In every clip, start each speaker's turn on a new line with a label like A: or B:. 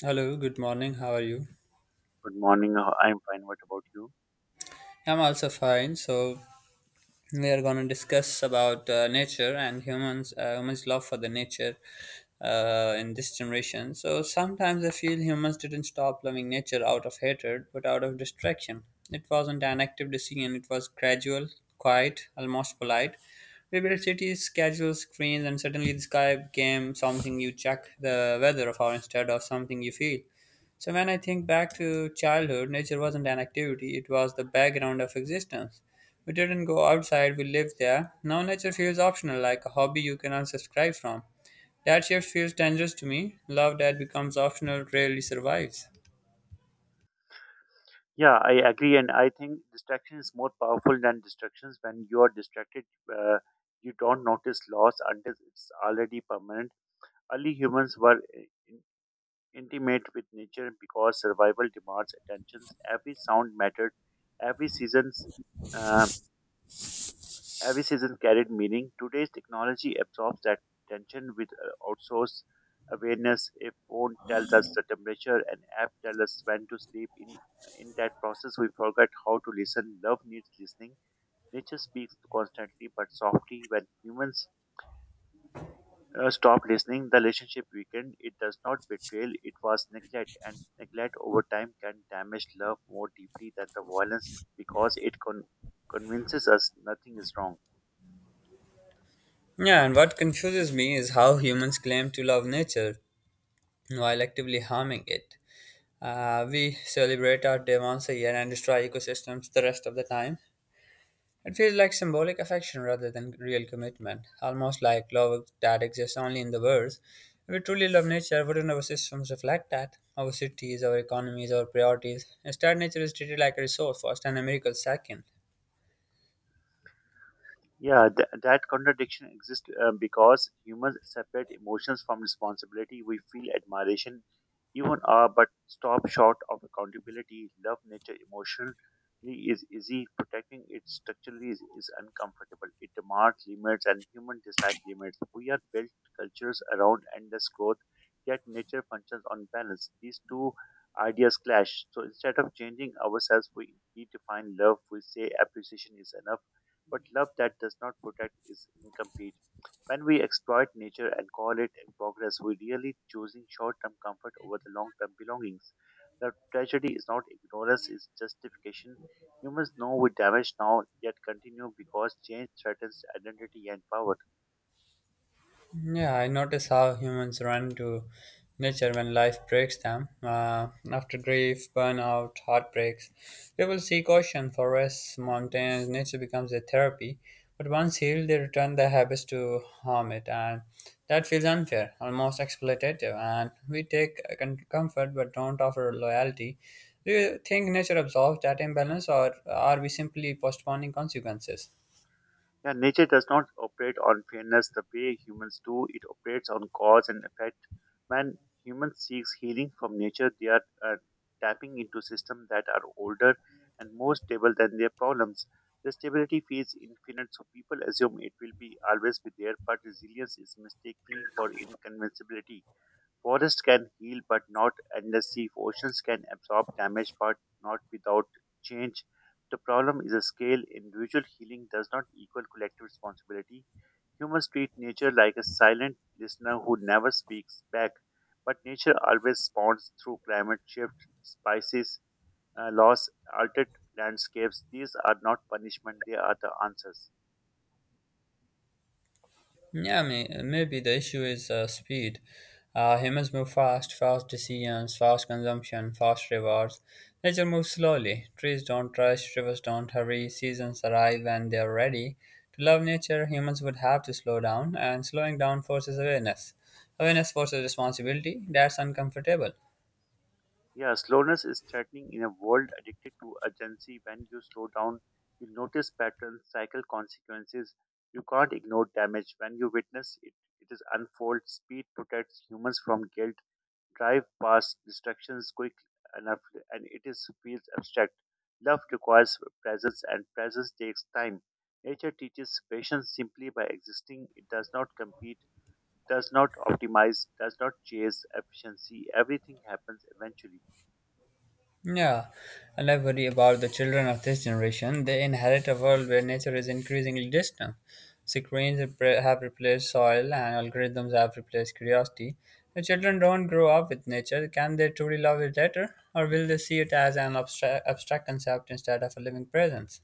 A: Hello, good morning. How are you?
B: Good morning. I'm fine. What about you?
A: I'm also fine. So we are going to discuss about nature and humans, humans' love for the nature in this generation. So sometimes I feel humans didn't stop loving nature out of hatred, but out of distraction. It wasn't an active decision. It was gradual, quiet, almost polite. We built cities, scheduled screens, and suddenly the sky became something you check the weather of, or instead of something you feel. So when I think back to childhood, nature wasn't an activity, it was the background of existence. We didn't go outside, we lived there. Now nature feels optional, like a hobby you can unsubscribe from. That shift feels dangerous to me. Love that becomes optional rarely survives.
B: Yeah, I agree, and I think distraction is more powerful than distractions. When you are distracted, uh, you don't notice loss until it's already permanent. Early humans were intimate with nature because survival demands attentions. Every sound mattered. Every season's um, Every season carried meaning. Today's technology absorbs that attention with outsourced awareness. A phone tells us the temperature, an app tells us when to sleep. In that process, we forget how to listen. Love needs listening. Nature speaks constantly but softly. When humans stop listening, the relationship weakened. It does not betrayal. It was neglect, and neglect over time can damage love more deeply than the violence because it convinces us nothing is wrong.
A: Yeah, and what confuses me is how humans claim to love nature while actively harming it. We celebrate our day once a year and destroy ecosystems the rest of the time. It feels like symbolic affection rather than real commitment, almost like love that exists only in the words. If we truly love nature, wouldn't our systems reflect that? Our cities, our economies, our priorities. Instead, nature is treated like a resource first and a miracle second.
B: Yeah, that contradiction exists because humans separate emotions from responsibility. We feel admiration, even awe, but stop short of accountability. Love nature emotionally is easy. Protecting it structurally is uncomfortable. It demands limits, and human dislike limits. We are built cultures around endless growth, yet nature functions on balance. These two ideas clash. So instead of changing ourselves, we redefine love. We say appreciation is enough but love that does not protect is incomplete. When we exploit nature and call it progress, we really choosing short term comfort over the long term belongings. The tragedy is not ignorance, it's justification. Humans know we damage now, yet continue because change threatens identity and power.
A: Yeah, I notice how humans run to nature when life breaks them. After grief, burnout, heartbreaks, people seek ocean, forests, mountains. Nature becomes a therapy. But once healed, they return their habits to harm it, and that feels unfair, almost exploitative. And we take comfort but don't offer loyalty. Do you think nature absorbs that imbalance, or are we simply postponing consequences?
B: Yeah, nature does not operate on fairness the way humans do. It operates on cause and effect. When humans seek healing from nature, they are tapping into systems that are older and more stable than their problems. The stability feels infinite, so people assume it will be always be there, but resilience is mistakenly for inconvincibility. Forests can heal, but not endlessly. Oceans can absorb damage, but not without change. The problem is a scale. Individual healing does not equal collective responsibility. Humans treat nature like a silent listener who never speaks back, but nature always responds through climate shift, spices, loss, altered landscapes. These are not punishment, they are the answers.
A: Yeah, maybe the issue is speed. Humans move fast, fast decisions, fast consumption, fast rewards. Nature moves slowly. Trees don't rush, rivers don't hurry, seasons arrive when they are ready. To love nature, humans would have to slow down, and slowing down forces awareness. Awareness forces responsibility. That's uncomfortable.
B: Yeah, slowness is threatening in a world addicted to urgency. When you slow down, you notice patterns, cycle consequences. You can't ignore damage. When you witness it, it is unfold. Speed protects humans from guilt. Drive past distractions quick enough, and it is feels abstract. Love requires presence, and presence takes time. Nature teaches patience simply by existing. It does not compete, does not optimize, does not chase efficiency. Everything happens eventually.
A: Yeah, and I worry about the children of this generation. They inherit a world where nature is increasingly distant. Screens have replaced soil, and algorithms have replaced curiosity. The children don't grow up with nature. Can they truly love it later, or will they see it as an abstract concept instead of a living presence?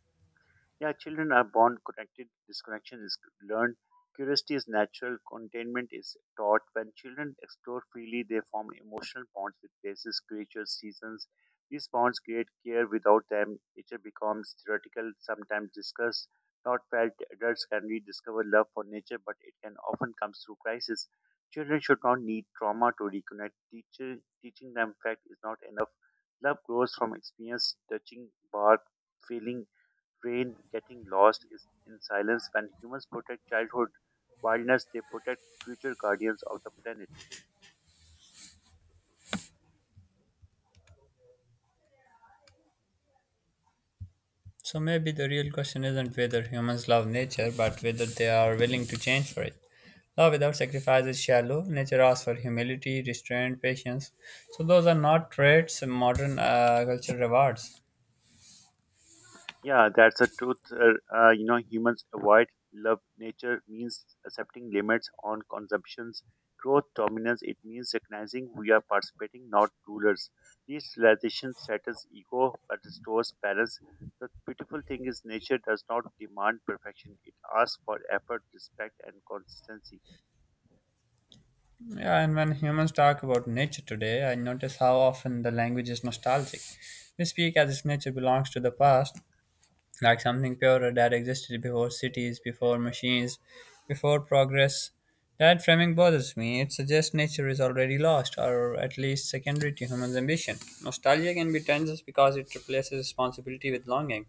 B: Yeah, children are born connected, disconnection is learned, curiosity is natural, containment is taught. When children explore freely, they form emotional bonds with places, creatures, seasons. These bonds create care. Without them, nature becomes theoretical, sometimes discussed, not felt. Adults can rediscover love for nature, but it can often comes through crisis. Children should not need trauma to reconnect. Teacher, teaching them fact is not enough. Love grows from experience, touching, bark, feeling, train getting lost is in silence when humans protect childhood wildness they protect future guardians of the planet
A: So maybe the real question isn't whether humans love nature, but whether they are willing to change for it. Love without sacrifice is shallow. Nature asks for humility, restraint, patience. So those are not traits modern culture rewards.
B: yeah that's a truth you know humans avoid love nature means accepting limits on consumptions growth dominance it means recognizing we are participating not rulers these realizations settles ego but restores balance the beautiful thing is nature does not demand perfection it asks for effort respect and consistency.
A: Yeah, and when humans talk about nature today, I notice how often the language is nostalgic. We speak as if nature belongs to the past, like something purer that existed before cities, before machines, before progress. That framing bothers me. It suggests nature is already lost, or at least secondary to human's ambition. Nostalgia can be dangerous because it replaces responsibility with longing.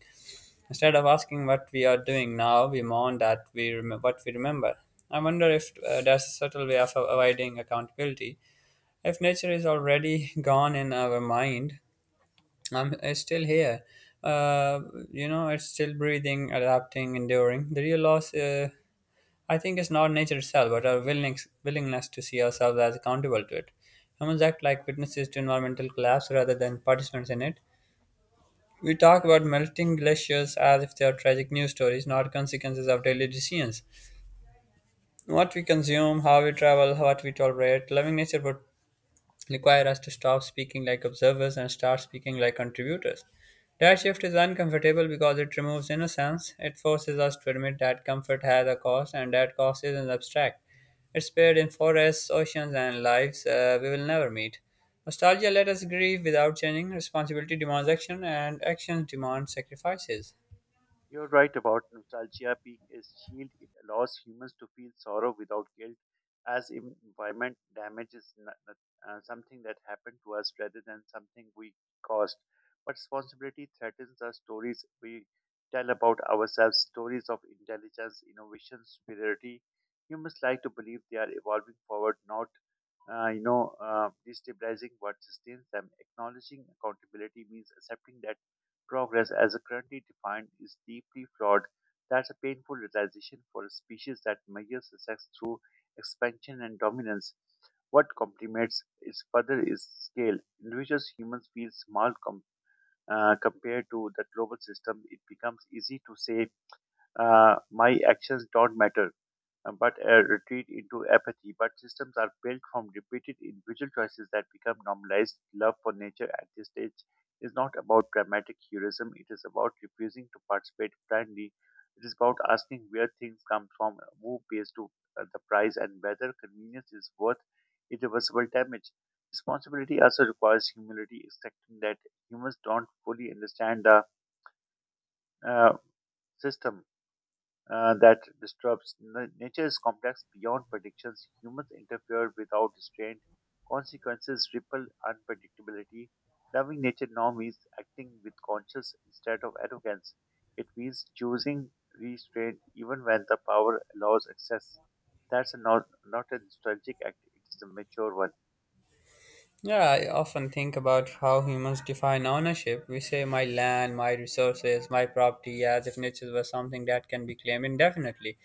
A: Instead of asking what we are doing now, we mourn what we remember. I wonder if there's a subtle way of avoiding accountability. If nature is already gone in our mind, it's still here. Uh, it's still breathing, adapting, enduring. The real loss, I think, is not nature itself, but our willingness to see ourselves as accountable to it. Humans act like witnesses to environmental collapse rather than participants in it. We talk about melting glaciers as if they are tragic news stories, not consequences of daily decisions. What we consume, how we travel, what we tolerate, loving nature would require us to stop speaking like observers and start speaking like contributors. That shift is uncomfortable because it removes innocence. It forces us to admit that comfort has a cost and that cost isn't abstract. It's buried in forests, oceans, and lives we will never meet. Nostalgia let us grieve without changing. Responsibility demands action, and action demands sacrifices.
B: You're right about nostalgia being a shield. It allows humans to feel sorrow without guilt, as environment damage is something that happened to us rather than something we caused. But responsibility threatens the stories we tell about ourselves, stories of intelligence, innovation, superiority. Humans like to believe they are evolving forward, not destabilizing what sustains them. Acknowledging accountability means accepting that progress, as currently defined, is deeply flawed. That's a painful realization for a species that measures success through expansion and dominance. What complements its further is scale. Individuals humans feel small compared to the global system. It becomes easy to say, "My actions don't matter." But a retreat into apathy. But systems are built from repeated individual choices that become normalized. Love for nature at this stage is not about dramatic heroism, it is about refusing to participate blindly. It is about asking where things come from, who pays to the price, and whether convenience is worth irreversible damage. Responsibility also requires humility, accepting that humans don't fully understand the uh, system that disrupts nature is complex beyond predictions. Humans interfere without restraint. Consequences ripple unpredictability. Loving nature now means acting with conscience instead of arrogance. It means choosing restraint even when the power allows excess. That's a not a nostalgic act, it is a mature one.
A: Yeah, I often think about how humans define ownership. We say my land, my resources, my property, as if nature was something that can be claimed indefinitely.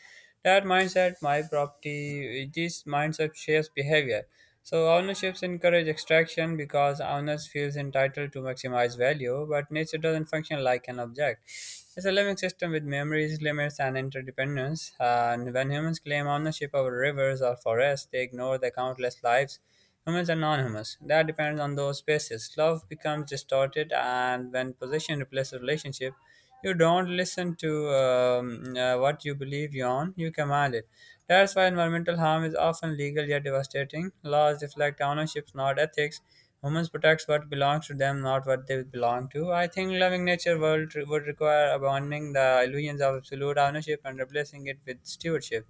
A: That mindset, my property, this mindset shapes behavior. So ownerships encourage extraction because owners feels entitled to maximize value, but nature doesn't function like an object. It's a living system with memories, limits, and interdependence. And when humans claim ownership over rivers or forests, they ignore the countless lives. Humans are anonymous. That depends on those spaces. Love becomes distorted, and when possession replaces relationship, you don't listen to what you believe you own, you command it. That's why environmental harm is often legal yet devastating. Laws reflect ownerships, not ethics. Humans protect what belongs to them, not what they belong to. I think loving nature world would require abandoning the illusions of absolute ownership and replacing it with stewardship.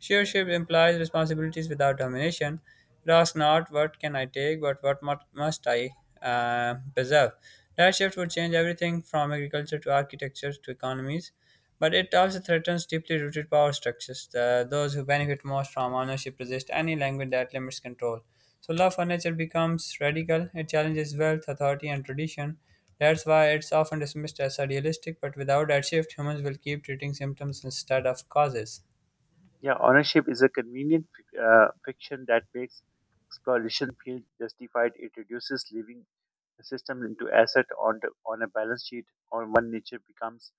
A: Sheership implies responsibilities without domination. It asks not what can I take, but must I preserve. That shift would change everything from agriculture to architecture to economies, but it also threatens deeply rooted power structures. Those who benefit most from ownership resist any language that limits control. So, love for nature becomes radical. It challenges wealth, authority, and tradition. That's why it's often dismissed as idealistic, but without that shift, humans will keep treating symptoms instead of causes.
B: Yeah, ownership is a convenient fiction that makes exploration feel justified. It reduces living the system into asset on a balance sheet, or one nature becomes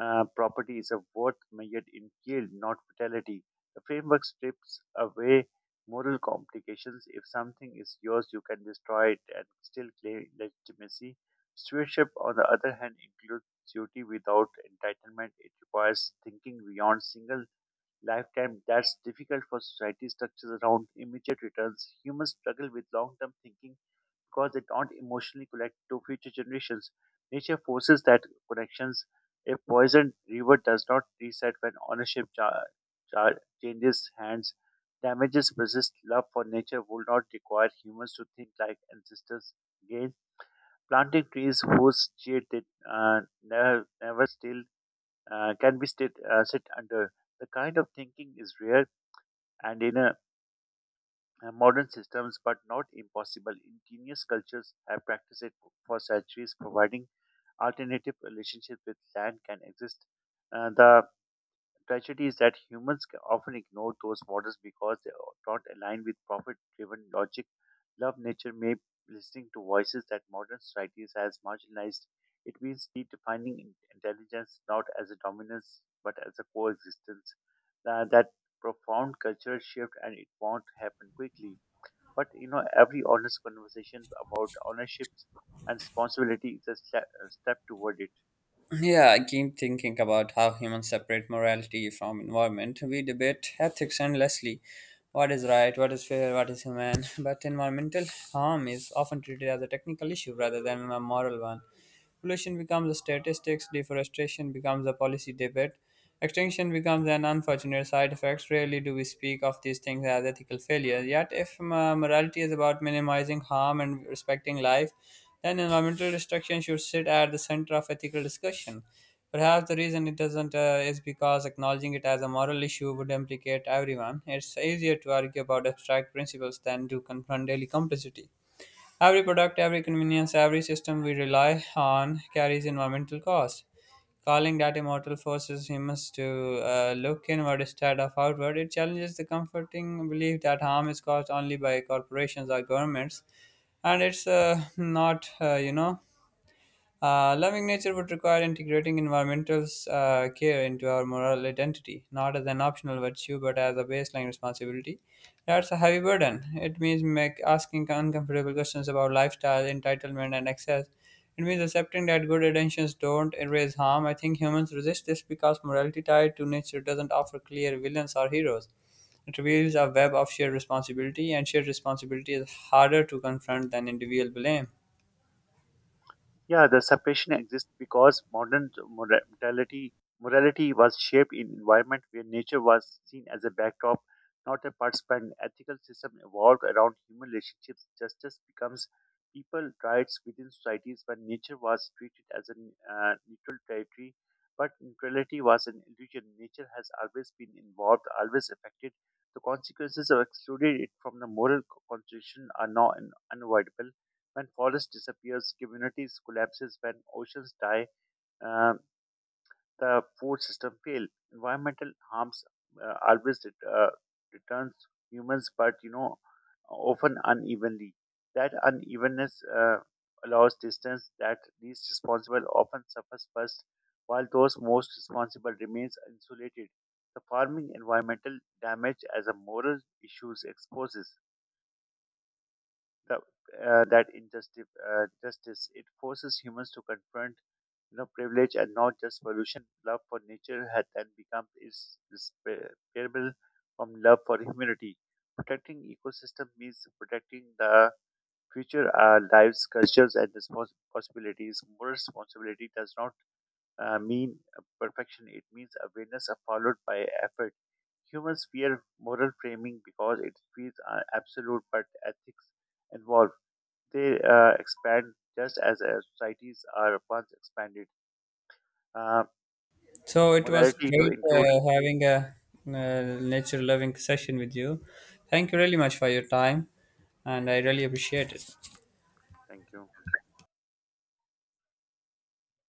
B: property is a worth measured in yield, not vitality. The framework strips away moral complications. If something is yours, you can destroy it and still claim legitimacy. Stewardship, on the other hand, includes duty without entitlement. It requires thinking beyond single lifetime that's difficult for society structures around immediate returns. Humans struggle with long term thinking because they don't emotionally connect to future generations. Nature forces that connections. A poisoned river does not reset when ownership cha- changes hands. Damages persist. Love for nature will not require humans to think like ancestors. Again, planting trees whose shade they never still sit under. The kind of thinking is rare and in modern systems, but not impossible. Indigenous cultures have practiced it for centuries, providing alternative relationships with land can exist. The tragedy is that humans often ignore those models because they are not aligned with profit driven logic. Love nature may listening to voices that modern societies has marginalized. It means redefining intelligence not as a dominance but as a coexistence. That profound cultural shift and it won't happen quickly. But you know, every honest conversation about ownerships and responsibility is a step toward it.
A: Yeah, I keep thinking about how humans separate morality from environment. We debate ethics endlessly. What is right, what is fair, what is human, but environmental harm is often treated as a technical issue rather than a moral one. Pollution becomes a statistics, deforestation becomes a policy debate, extinction becomes an unfortunate side effect. Rarely do we speak of these things as ethical failures. Yet, if morality is about minimizing harm and respecting life, then environmental destruction should sit at the center of ethical discussion. Perhaps the reason it doesn't is because acknowledging it as a moral issue would implicate everyone. It's easier to argue about abstract principles than to confront daily complicity. Every product, every convenience, every system we rely on carries environmental cost. Calling that immortal forces humans to look inward instead of outward, it challenges the comforting belief that harm is caused only by corporations or governments, and it's not, you know, loving nature would require integrating environmental care into our moral identity, not as an optional virtue, but as a baseline responsibility. That's a heavy burden. It means asking uncomfortable questions about lifestyle, entitlement, and access. It means accepting that good intentions don't erase harm. I think humans resist this because morality tied to nature doesn't offer clear villains or heroes. It reveals a web of shared responsibility, and shared responsibility is harder to confront than individual blame.
B: Yeah, the separation exists because modern morality was shaped in environment where nature was seen as a backdrop, not a participant. Ethical system evolved around human relationships. Justice becomes people rights within societies when nature was treated as a neutral territory. But neutrality was an illusion. Nature has always been involved, always affected. The consequences of excluding it from the moral constitution are now unavoidable when forest disappears, communities collapses. When oceans die, uh, the food system fail. Environmental harms always ret- returns humans, but you know, often unevenly. That unevenness allows distance. That least responsible often suffers first, while those most responsible remains insulated. The farming environmental damage as a moral issue exposes that injustice. Justice it forces humans to confront you know privilege and not just pollution. Love for nature had then become is inseparable from love for humanity. Protecting ecosystem means protecting the future our lives, cultures, and possibilities. More responsibility does not mean perfection. It means awareness followed by effort. Humans fear moral framing because it feels absolute, but ethics involve they expand just as societies are once expanded. Uh,
A: So it was
B: Modality to
A: great
B: include.
A: having nature loving session with you. Thank you really much for your time, and I really appreciate it.
B: Thank you.